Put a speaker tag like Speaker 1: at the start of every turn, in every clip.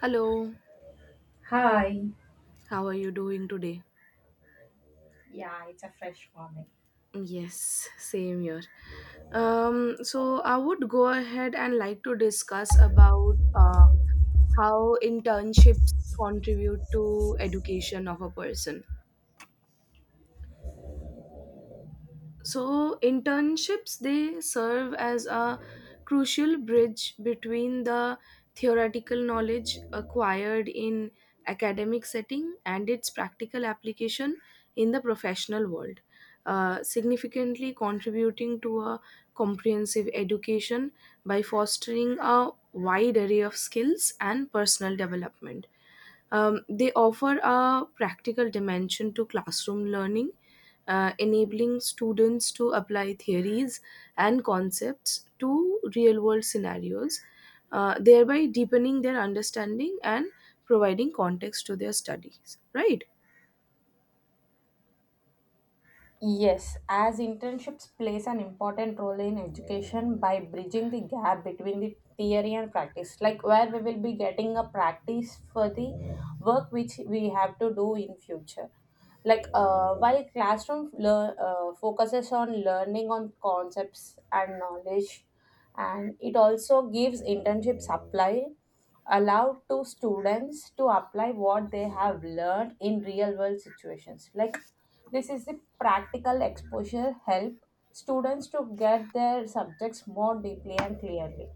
Speaker 1: Hello,
Speaker 2: Hi.
Speaker 1: how are you doing today?
Speaker 2: Yeah, it's a fresh morning.
Speaker 1: Yes, same here. So I would go ahead and like to discuss about how internships contribute to education of a person. So internships, they serve as a crucial bridge between the theoretical knowledge acquired in academic setting and its practical application in the professional world, significantly contributing to a comprehensive education by fostering a wide array of skills and personal development. They offer a practical dimension to classroom learning, enabling students to apply theories and concepts to real world scenarios, thereby deepening their understanding and providing context to their studies, right?
Speaker 2: Yes, as internships plays an important role in education by bridging the gap between the theory and practice, like where we will be getting a practice for the work which we have to do in future. Like while classroom focuses on learning on concepts and knowledge, and it also gives internships apply allowed to students to apply what they have learned in real world situations like this is the practical exposure help students to get their subjects more deeply and clearly.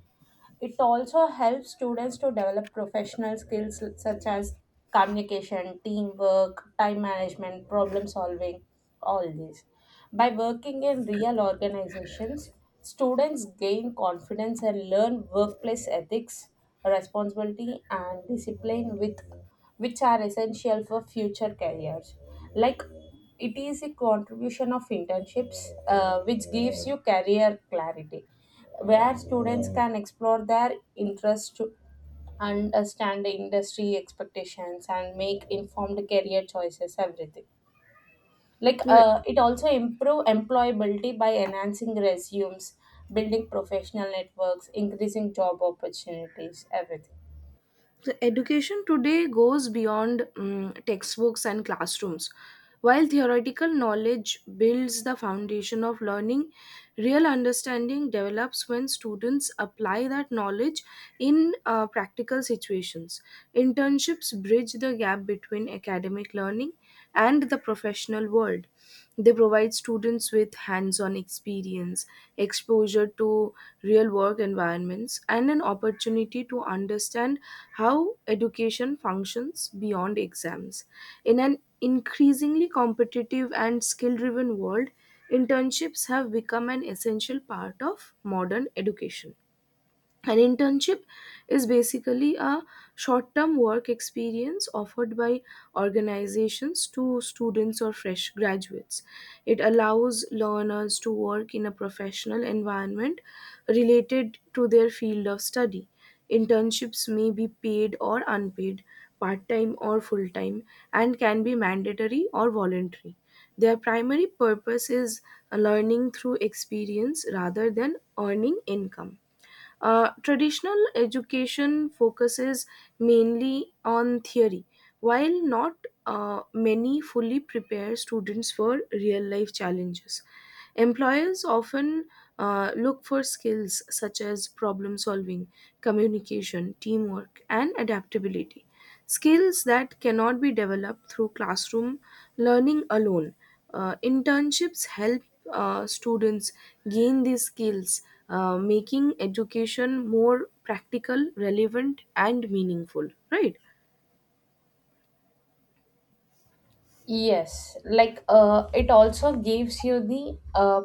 Speaker 2: It also helps students to develop professional skills such as communication, teamwork, time management, problem solving, all these. By working in real organizations, students gain confidence and learn workplace ethics, responsibility, and discipline, which are essential for future careers. Like it is a contribution of internships, which gives you career clarity, where students can explore their interests to understand the industry expectations and make informed career choices everything like
Speaker 1: Yeah.
Speaker 2: it also improve employability by enhancing resumes, building professional networks, increasing job opportunities, everything.
Speaker 1: So education today goes beyond textbooks and classrooms. While theoretical knowledge builds the foundation of learning, real understanding develops when students apply that knowledge in practical situations. Internships bridge the gap between academic learning and the professional world. They provide students with hands on experience, exposure to real work environments, and an opportunity to understand how education functions beyond exams. In an increasingly competitive and skill driven world, internships have become an essential part of modern education. An internship is basically a short term work experience offered by organizations to students or fresh graduates. It allows learners to work in a professional environment related to their field of study. Internships may be paid or unpaid, part time or full time, and can be mandatory or voluntary. Their primary purpose is learning through experience rather than earning income. Traditional education focuses mainly on theory, while not many fully prepare students for real life challenges. Employers often look for skills such as problem solving, communication, teamwork, and adaptability. Skills that cannot be developed through classroom learning alone. Internships help students gain these skills, making education more practical, relevant, and meaningful, right?
Speaker 2: Yes, like it also gives you the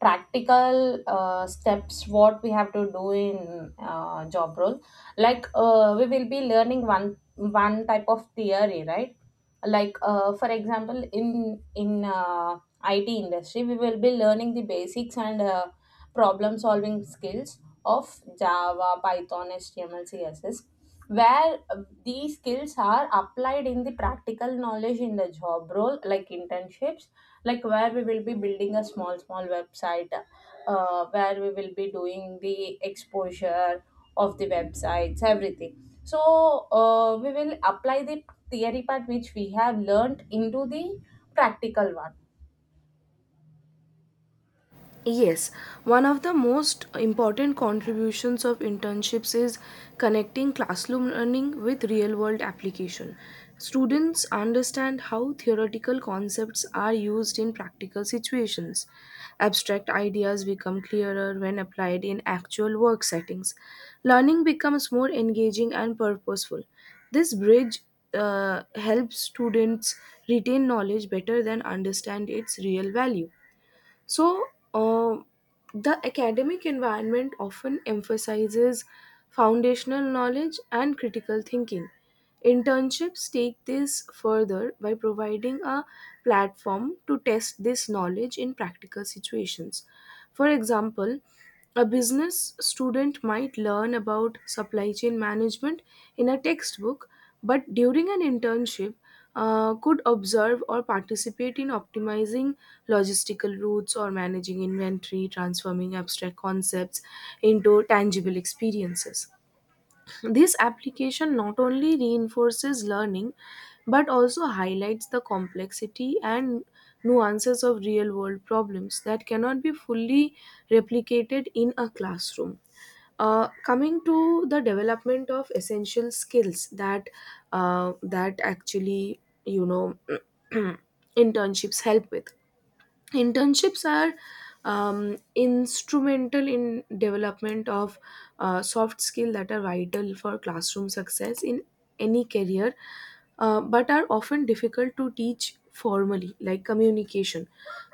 Speaker 2: practical steps what we have to do in job role. Like we will be learning one type of theory, right? Like for example, in IT industry, we will be learning the basics and problem solving skills of Java, Python, HTML, CSS, where these skills are applied in the practical knowledge in the job role like internships, like where we will be building a small website, where we will be doing the exposure of the websites, everything. So we will apply the theory part which we have learned into the practical one.
Speaker 1: Yes, one of the most important contributions of internships is connecting classroom learning with real world application. Students understand how theoretical concepts are used in practical situations. Abstract ideas become clearer when applied in actual work settings. Learning becomes more engaging and purposeful. This bridge helps students retain knowledge better than understand its real value. So, um the academic environment often emphasizes foundational knowledge and critical thinking. Internships take this further by providing a platform to test this knowledge in practical situations. For example, a business student might learn about supply chain management in a textbook, but during an internship, could observe or participate in optimizing logistical routes or managing inventory, transforming abstract concepts into tangible experiences. This application not only reinforces learning but also highlights the complexity and nuances of real world problems that cannot be fully replicated in a classroom. Coming to the development of essential skills that actually you know internships help with, internships are instrumental in development of soft skill that are vital for classroom success in any career, but are often difficult to teach formally, like communication.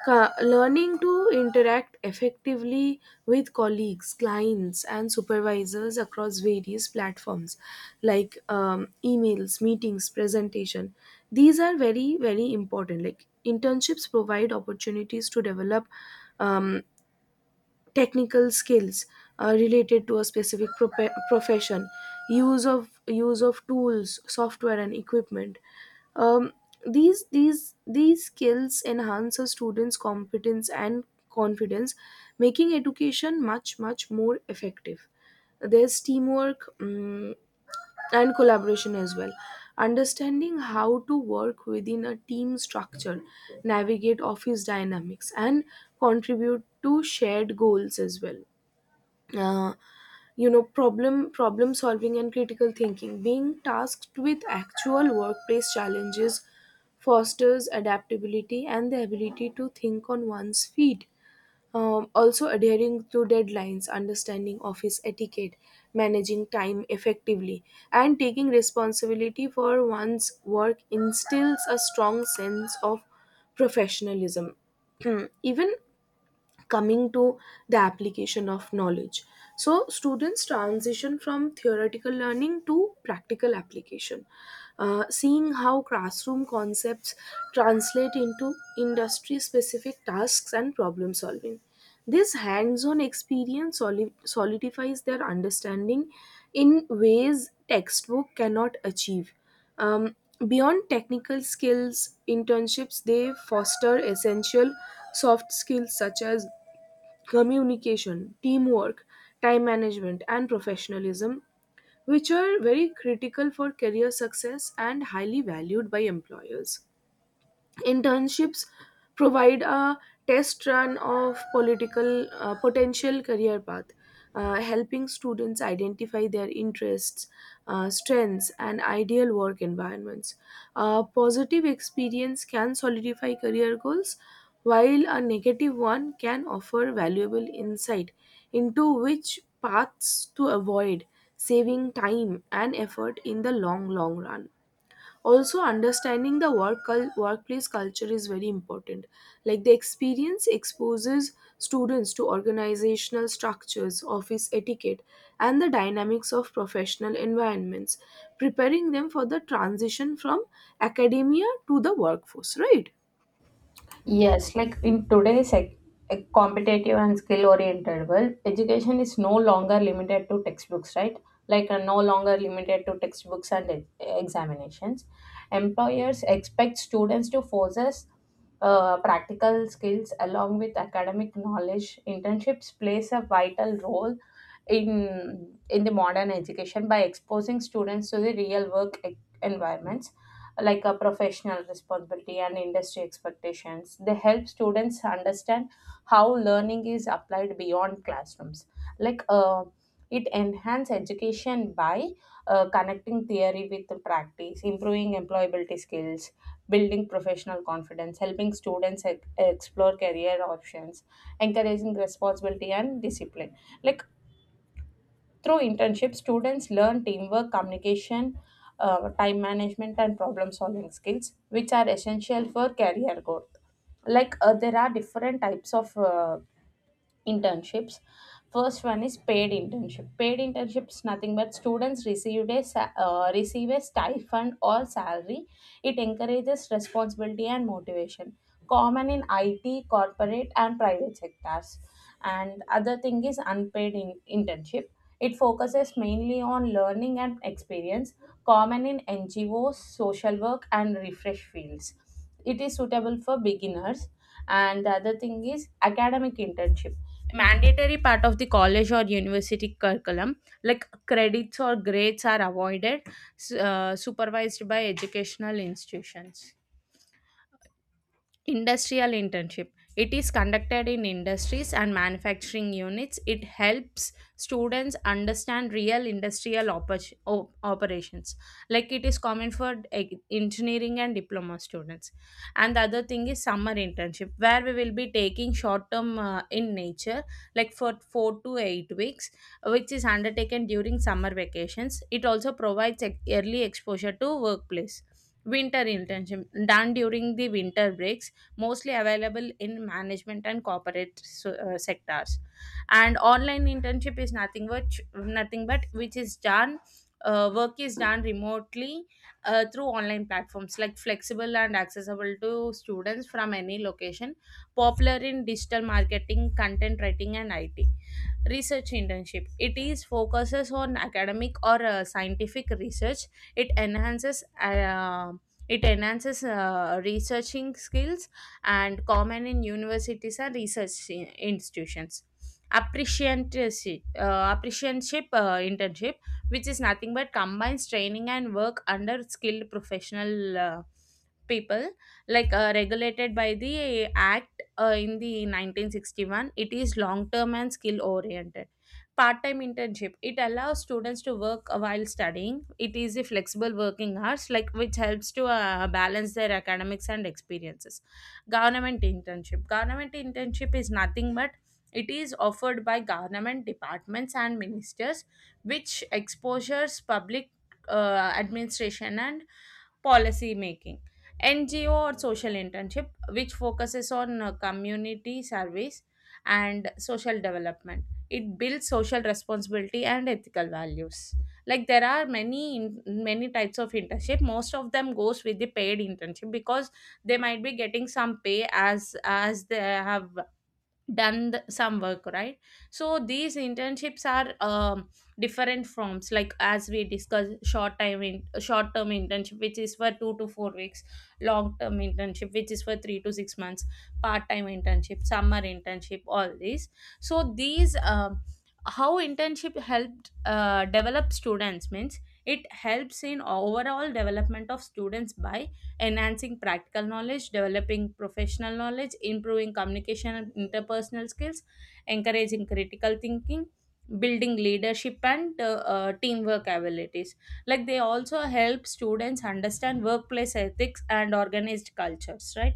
Speaker 1: Learning to interact effectively with colleagues, clients, and supervisors across various platforms, like emails, meetings, presentation, these are very very important. Like internships provide opportunities to develop um, technical skills related to a specific profession, use of tools, software, and equipment. Um, these skills enhance a student's competence and confidence, making education much much more effective. There's teamwork, and collaboration as well. Understanding how to work within a team structure, navigate office dynamics, and contribute to shared goals as well. Uh, you know, problem solving and critical thinking. Being tasked with actual workplace challenges fosters adaptability and the ability to think on one's feet. Also, adhering to deadlines, understanding office etiquette, managing time effectively, and taking responsibility for one's work instills a strong sense of professionalism. Even coming to the application of knowledge, so students transition from theoretical learning to practical application. Seeing how classroom concepts translate into industry specific tasks and problem solving, this hands on experience solidifies their understanding in ways textbook cannot achieve. um, Beyond technical skills, internships they foster essential soft skills such as communication, teamwork, time management, and professionalism, which are very critical for career success and highly valued by employers. Internships provide a test run of political potential career path, helping students identify their interests, strengths, and ideal work environments. A positive experience can solidify career goals, while a negative one can offer valuable insight into which paths to avoid, saving time and effort in the long, long run. Also, understanding the workplace culture is very important. Like the experience exposes students to organizational structures, office etiquette, and the dynamics of professional environments, preparing them for the transition from academia to the workforce, right?
Speaker 2: Yes, like in today's competitive and skill oriented world, education is no longer limited to textbooks, right? Like, no longer limited to textbooks and examinations. Employers expect students to possess practical skills along with academic knowledge. Internships plays a vital role in the modern education by exposing students to the real work environments, like a professional responsibility and industry expectations. They help students understand how learning is applied beyond classrooms. Like it enhance education by connecting theory with the practice, improving employability skills, building professional confidence, helping students explore career options, encouraging responsibility and discipline. Like through internships, students learn teamwork, communication, time management, and problem solving skills, which are essential for career growth. Like there are different types of internships. First one is paid internship. Paid internships nothing but students receive a receive a stipend or salary. It encourages responsibility and motivation, common in it corporate and private sectors. And other thing is unpaid internship. It focuses mainly on learning and experience, common in ngos social work and refresh fields. It is suitable for beginners. And the other thing is academic internship, mandatory part of the college or university curriculum, like credits or grades are avoided, supervised by educational institutions. Industrial internship. It is conducted in industries and manufacturing units. It helps students understand real industrial operations. Like it is common for engineering and diploma students. And the other thing is summer internship, where we will be taking short term in nature, like for 4 to 8 weeks, which is undertaken during summer vacations. It also provides early exposure to workplace. Winter internship done during the winter breaks, mostly available in management and corporate sectors. And online internship is nothing but, nothing but which is done, work is done remotely through online platforms, like flexible and accessible to students from any location, popular in digital marketing, content writing and it. Research internship, it is focuses on academic or scientific research. it enhances uh, it enhances researching skills and common in universities and research institutions. Apprenticeship, internship, which is nothing but combines training and work under skilled professional people, like regulated by the act in the 1961. It is long term and skill oriented. Part time internship, it allows students to work while studying. It is a flexible working hours, like which helps to balance their academics and experiences. Government internship. Government internship is nothing but it is offered by government departments and ministers, which exposures public administration and policy making. NGO or social internship, which focuses on community service and social development. It builds social responsibility and ethical values. Like there are many many types of internship. Most of them goes with the paid internship because they might be getting some pay as they have done the, some work, right? So these internships are different forms, like as we discussed, short time in short term internship which is for 2 to 4 weeks, long term internship which is for 3 to 6 months, part time internship, summer internship, all these. So these, how internship helped develop students means, it helps in overall development of students by enhancing practical knowledge, developing professional knowledge, improving communication and interpersonal skills, encouraging critical thinking, building leadership and teamwork abilities. Like they also help students understand workplace ethics and organized cultures, right?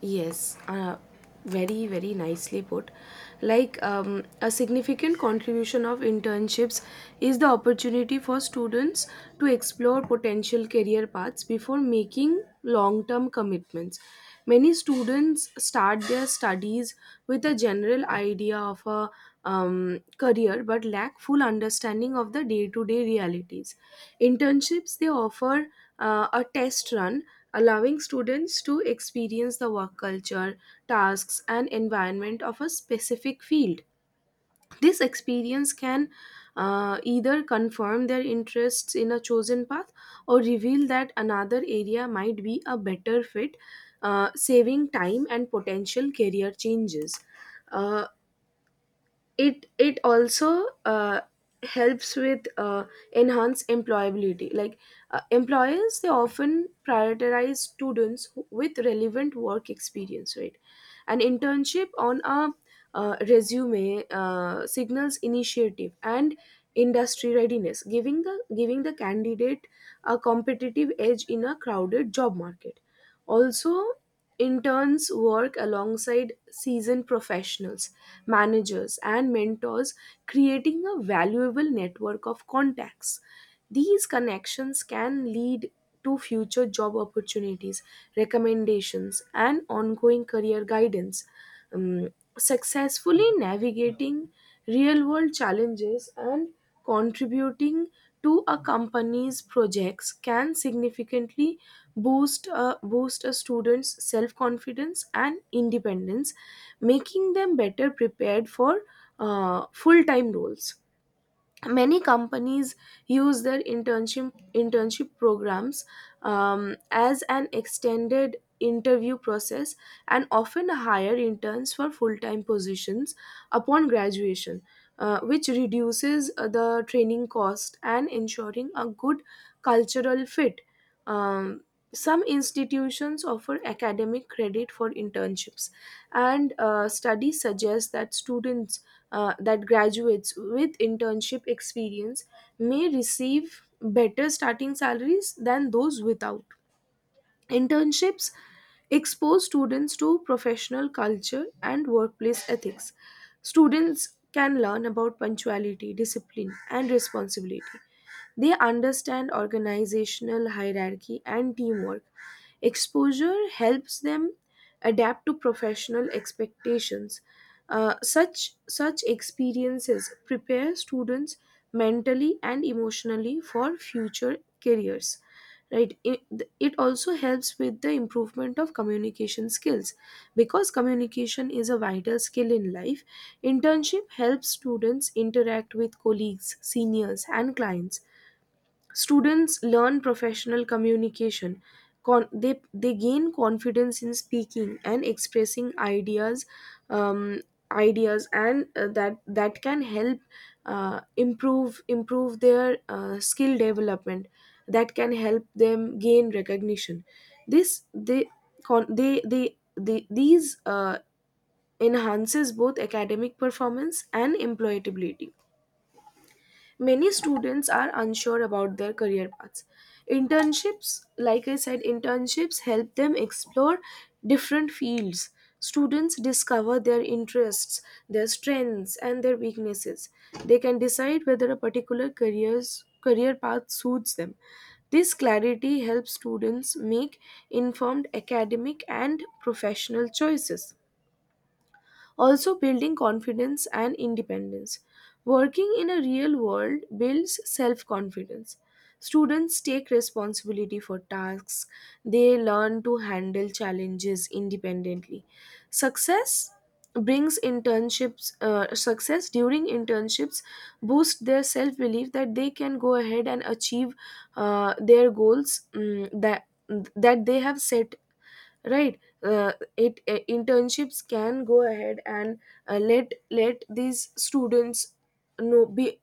Speaker 1: Yes, very, very nicely put. Like a significant contribution of internships is the opportunity for students to explore potential career paths before making long term commitments. Many students start their studies with a general idea of a career but lack full understanding of the day to day realities. Internships, they offer a test run, allowing students to experience the work culture, tasks, and environment of a specific field. This experience can either confirm their interests in a chosen path or reveal that another area might be a better fit, saving time and potential career changes. Uh, it also helps with enhance employability. Like employers, they often prioritize students who- with relevant work experience, right? An internship on a resume signals initiative and industry readiness, giving the candidate a competitive edge in a crowded job market. Also, interns work alongside seasoned professionals, managers, and mentors, creating a valuable network of contacts. These connections can lead to future job opportunities, recommendations, and ongoing career guidance. um, Successfully navigating real world challenges and contributing to a company's projects can significantly boost a student's self confidence and independence, making them better prepared for full time roles. Many companies use their internship programs as an extended interview process, and often hire interns for full-time positions upon graduation, which reduces the training cost and ensuring a good cultural fit. um, some institutions offer academic credit for internships, and studies suggest that graduates with internship experience may receive better starting salaries than those without. Internships expose students to professional culture and workplace ethics. Students can learn about punctuality, discipline, and responsibility. They understand organizational hierarchy and teamwork. Exposure helps them adapt to professional expectations. Such experiences prepare students mentally and emotionally for future careers, right? It also helps with the improvement of communication skills, because communication is a vital skill in life. Internship helps students interact with colleagues, seniors, and clients. Students learn professional communication. They gain confidence in speaking and expressing ideas, um, and that can help improve their skill development. That can help them gain recognition. This they con- they these enhances both academic performance and employability. Many students are unsure about their career paths. Internships, like I said, internships help them explore different fields. Students discover their interests, their strengths, and their weaknesses. They can decide whether a particular career's career path suits them. This clarity helps students make informed academic and professional choices, also building confidence and independence. Working in a real world builds self confidence. Students take responsibility for tasks, they learn to handle challenges independently. Success Success during internships boost their self belief that they can go ahead and achieve their goals that that they have set, right? It Internships can go ahead and let these students know be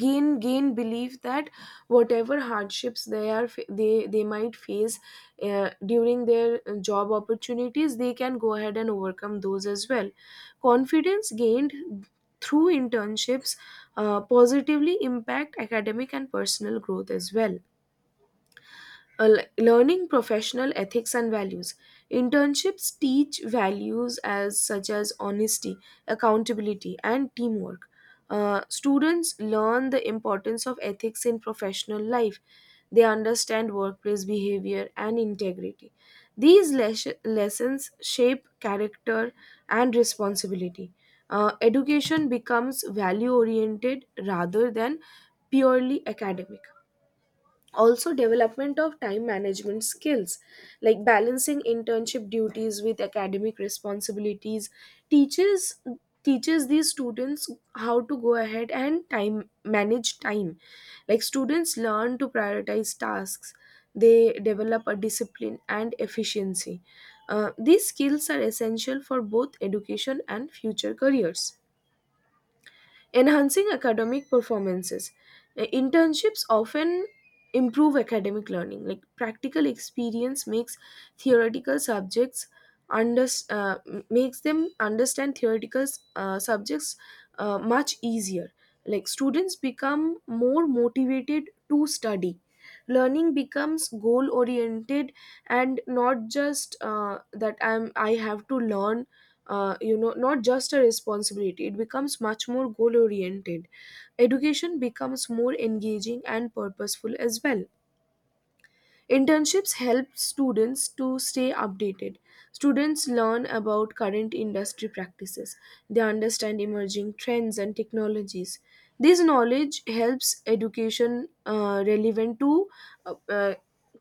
Speaker 1: gain belief that whatever hardships they might face during their job opportunities, they can go ahead and overcome those as well. Confidence gained through internships positively impact academic and personal growth as well. Learning professional ethics and values, internships teach values as such as honesty, accountability, and teamwork. Students learn the importance of ethics in professional life. They understand workplace behavior and integrity. These lessons shape character and responsibility. Education becomes value oriented rather than purely academic. Also development of time management skills, like balancing internship duties with academic responsibilities teaches these students how to go ahead and time manage time. Like students learn to prioritize tasks, they develop a discipline and efficiency. These skills are essential for both education and future careers. Enhancing academic performances. Internships often improve academic learning. Like practical experience makes theoretical subjects under makes them understand theoretical subjects much easier. Like students become more motivated to study. Learning becomes goal oriented and not just that I'm I have to learn not just a responsibility. It becomes much more goal oriented. Education becomes more engaging and purposeful as well. Internships help students to stay updated. Students learn about current industry practices. They understand emerging trends and technologies. This knowledge helps education relevant to uh, uh,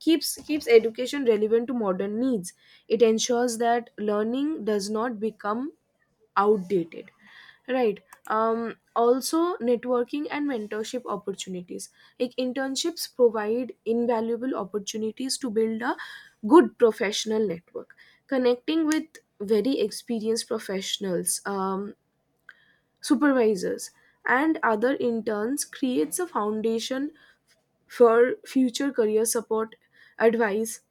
Speaker 1: keeps keeps education relevant to modern needs. It ensures that learning does not become outdated, right. Also, networking and mentorship opportunities. Like, internships provide invaluable opportunities to build a good professional network, connecting with very experienced professionals, supervisors, and other interns, creates a foundation for future career support, advice,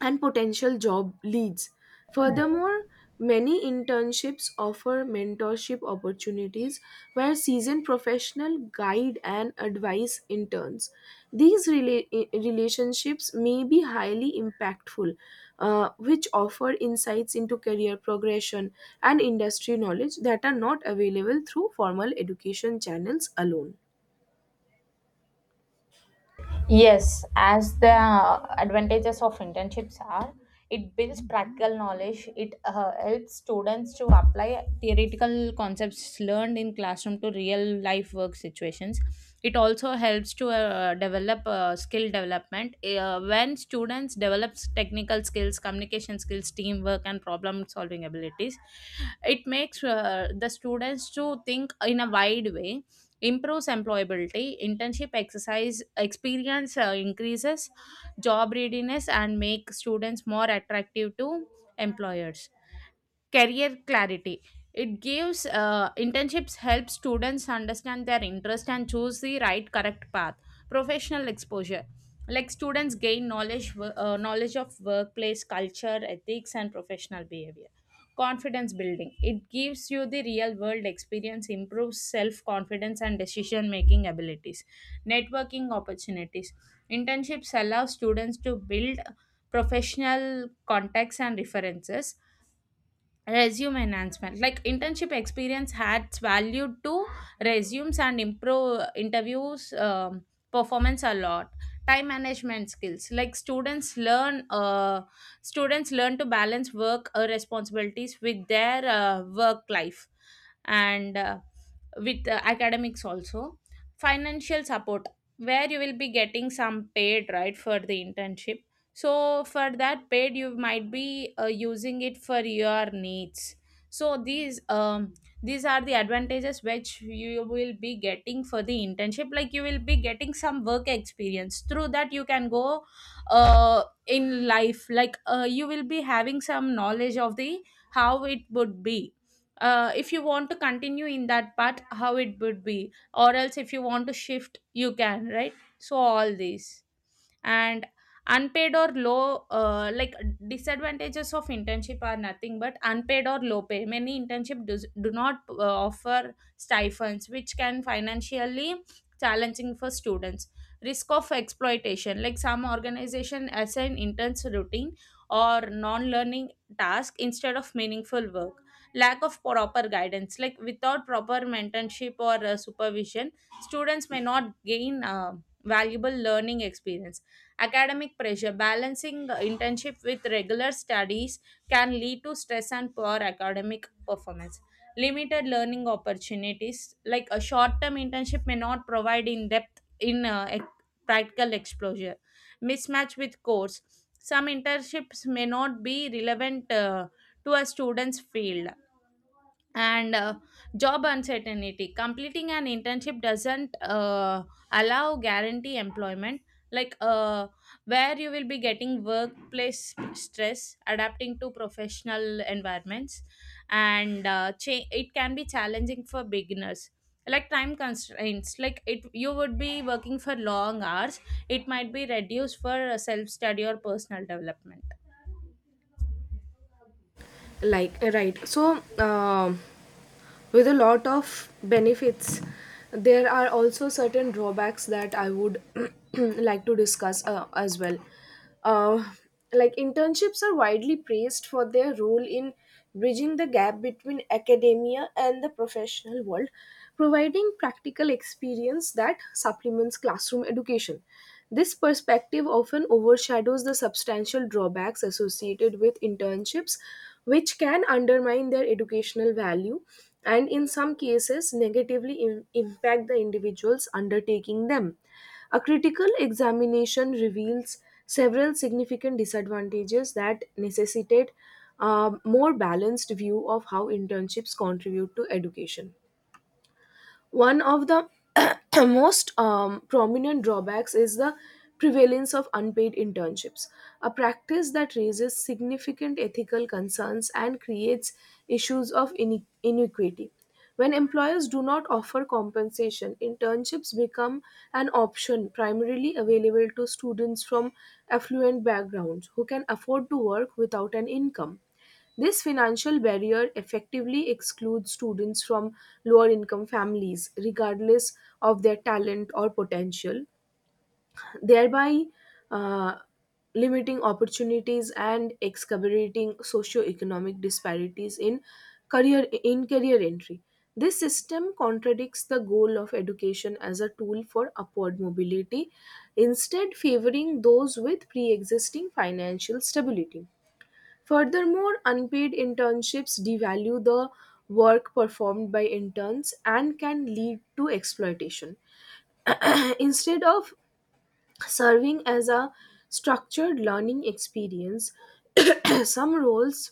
Speaker 1: and potential job leads. Furthermore, many internships offer mentorship opportunities where seasoned professional guide and advise interns. These relationships may be highly impactful, which offer insights into career progression and industry knowledge that are not available through formal education channels alone.
Speaker 2: Yes, as the advantages of internships are, it builds practical knowledge. It helps students to apply theoretical concepts learned in classroom to real life work situations. It also helps to develop skill development. When students develop technical skills, communication skills, teamwork, and problem solving abilities, it makes the students to think in a wide way. Improves employability, internship exercise experience increases job readiness and make students more attractive to employers. Career clarity, it gives internships help students understand their interest and choose the right correct path. Professional exposure, like students gain knowledge knowledge of workplace culture, ethics and professional behavior. Confidence building, it gives you the real world experience, improves self confidence and decision making abilities. Networking opportunities, internships allow students to build professional contacts and references. Resume enhancement, like internship experience adds value to resumes and improve interviews, performance a lot. Time management skills, like students learn to balance work responsibilities with their work life and with academics also. Financial support, where you will be getting some paid right for the internship. So for that paid you might be using it for your needs. So these, these are the advantages which you will be getting for the internship, like you will be getting some work experience, through that you can go in life, like you will be having some knowledge of the how it would be, if you want to continue in that part how it would be, or else if you want to shift you can, right? So all these. And unpaid or low, like disadvantages of internship are nothing but unpaid or low pay. Many internship does, do not offer stipends which can financially challenging for students. Risk of exploitation, like some organization assign interns routine or non-learning task instead of meaningful work. Lack of proper guidance, like without proper mentorship or supervision students may not gain valuable learning experience. Academic pressure, balancing internship with regular studies can lead to stress and poor academic performance. Limited learning opportunities, like a short term internship, may not provide in depth practical exposure. Mismatch with course, some internships may not be relevant to a student's field. And job uncertainty, completing an internship doesn't allow guarantee employment. Like where you will be getting workplace stress, adapting to professional environments and it can be challenging for beginners. Like time constraints, like it you would be working for long hours, it might be reduced for self study or personal development.
Speaker 1: Like, right, so, with a lot of benefits, there are also certain drawbacks that I would like to discuss as well. uh, like, internships are widely praised for their role in bridging the gap between academia and the professional world, providing practical experience that supplements classroom education. This perspective often overshadows the substantial drawbacks associated with internships, which can undermine their educational value and, in some cases, negatively impact the individuals undertaking them. A critical examination reveals several significant disadvantages that necessitate a more balanced view of how internships contribute to education. One of the most prominent drawbacks is the prevalence of unpaid internships, a practice that raises significant ethical concerns and creates issues of inequity. When employers do not offer compensation, internships become an option primarily available to students from affluent backgrounds who can afford to work without an income. This financial barrier effectively excludes students from lower income families, regardless of their talent or potential, thereby uh, limiting opportunities and exacerbating socio-economic disparities in career entry. This system contradicts the goal of education as a tool for upward mobility, instead favoring those with pre-existing financial stability. Furthermore, unpaid internships devalue the work performed by interns and can lead to exploitation. Instead of serving as a structured learning experience, some roles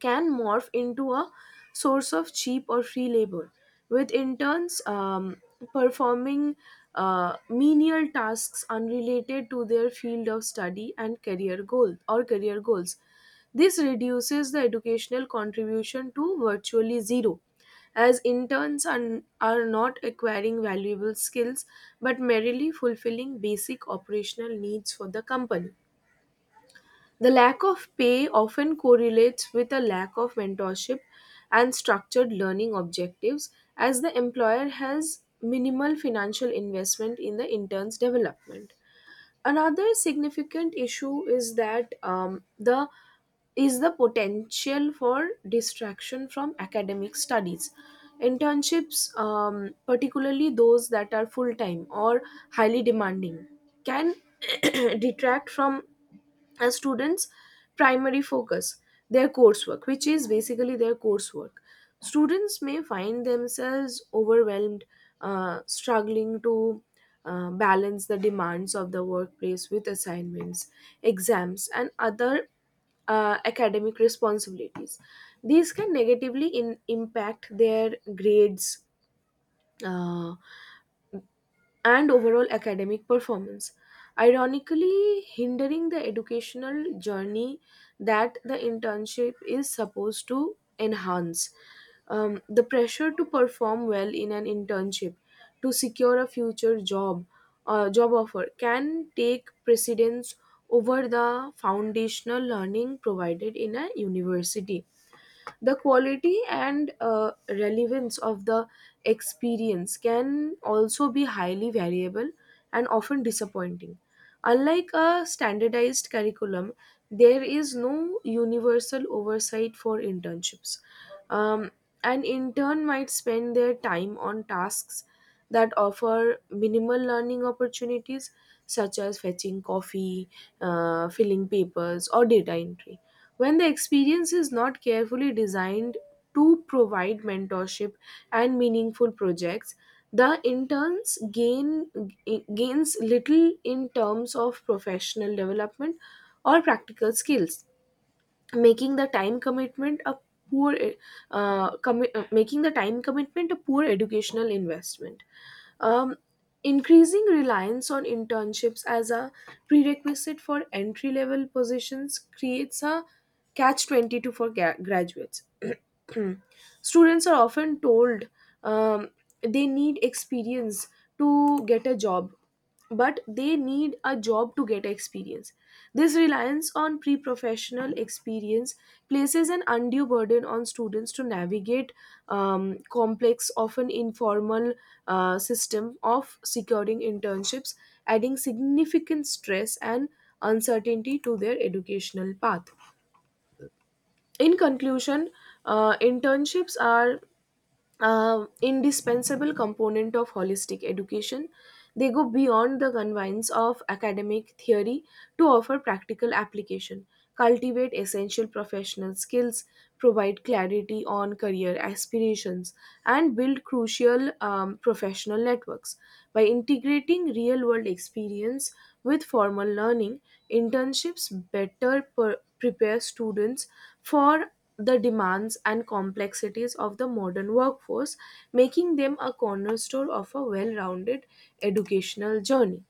Speaker 1: can morph into a source of cheap or free labor, with interns performing menial tasks unrelated to their field of study and career goals. This reduces the educational contribution to virtually zero, as interns are not acquiring valuable skills but merely fulfilling basic operational needs for the company. The lack of pay often correlates with a lack of mentorship and structured learning objectives, as the employer has minimal financial investment in the intern's development. Another significant issue is that the potential for distraction from academic studies. Internships, particularly those that are full time or highly demanding, can detract from a student's primary focus, their coursework which is basically their coursework. Students may find themselves overwhelmed, struggling to balance the demands of the workplace with assignments, exams, and other academic responsibilities. These can negatively impact their grades uh, and overall academic performance, ironically hindering the educational journey that the internship is supposed to enhance. The pressure to perform well in an internship to secure a future job offer can take precedence over the foundational learning provided in a university. The quality and relevance of the experience can also be highly variable and often disappointing. Unlike a standardized curriculum, there is no universal oversight for internships. Um, an intern might spend their time on tasks that offer minimal learning opportunities, such as fetching coffee, filling papers, or data entry. When the experience is not carefully designed to provide mentorship and meaningful projects, the interns gains little in terms of professional development or practical skills, making the time commitment a poor commi- making the time commitment a poor educational investment. um, Increasing reliance on internships as a prerequisite for entry level positions creates a catch 22 for graduates. Students are often told, um, they need experience to get a job, but they need a job to get experience. This reliance on pre professional experience places an undue burden on students to navigate complex, often informal system of securing internships, adding significant stress and uncertainty to their educational path. In conclusion, internships are indispensable component of holistic education. They go beyond the confines of academic theory to offer practical application, cultivate essential professional skills, provide clarity on career aspirations, and build crucial professional networks. By integrating real world experience with formal learning, internships better prepare students for the demands and complexities of the modern workforce, making them a cornerstone of a well rounded educational journey.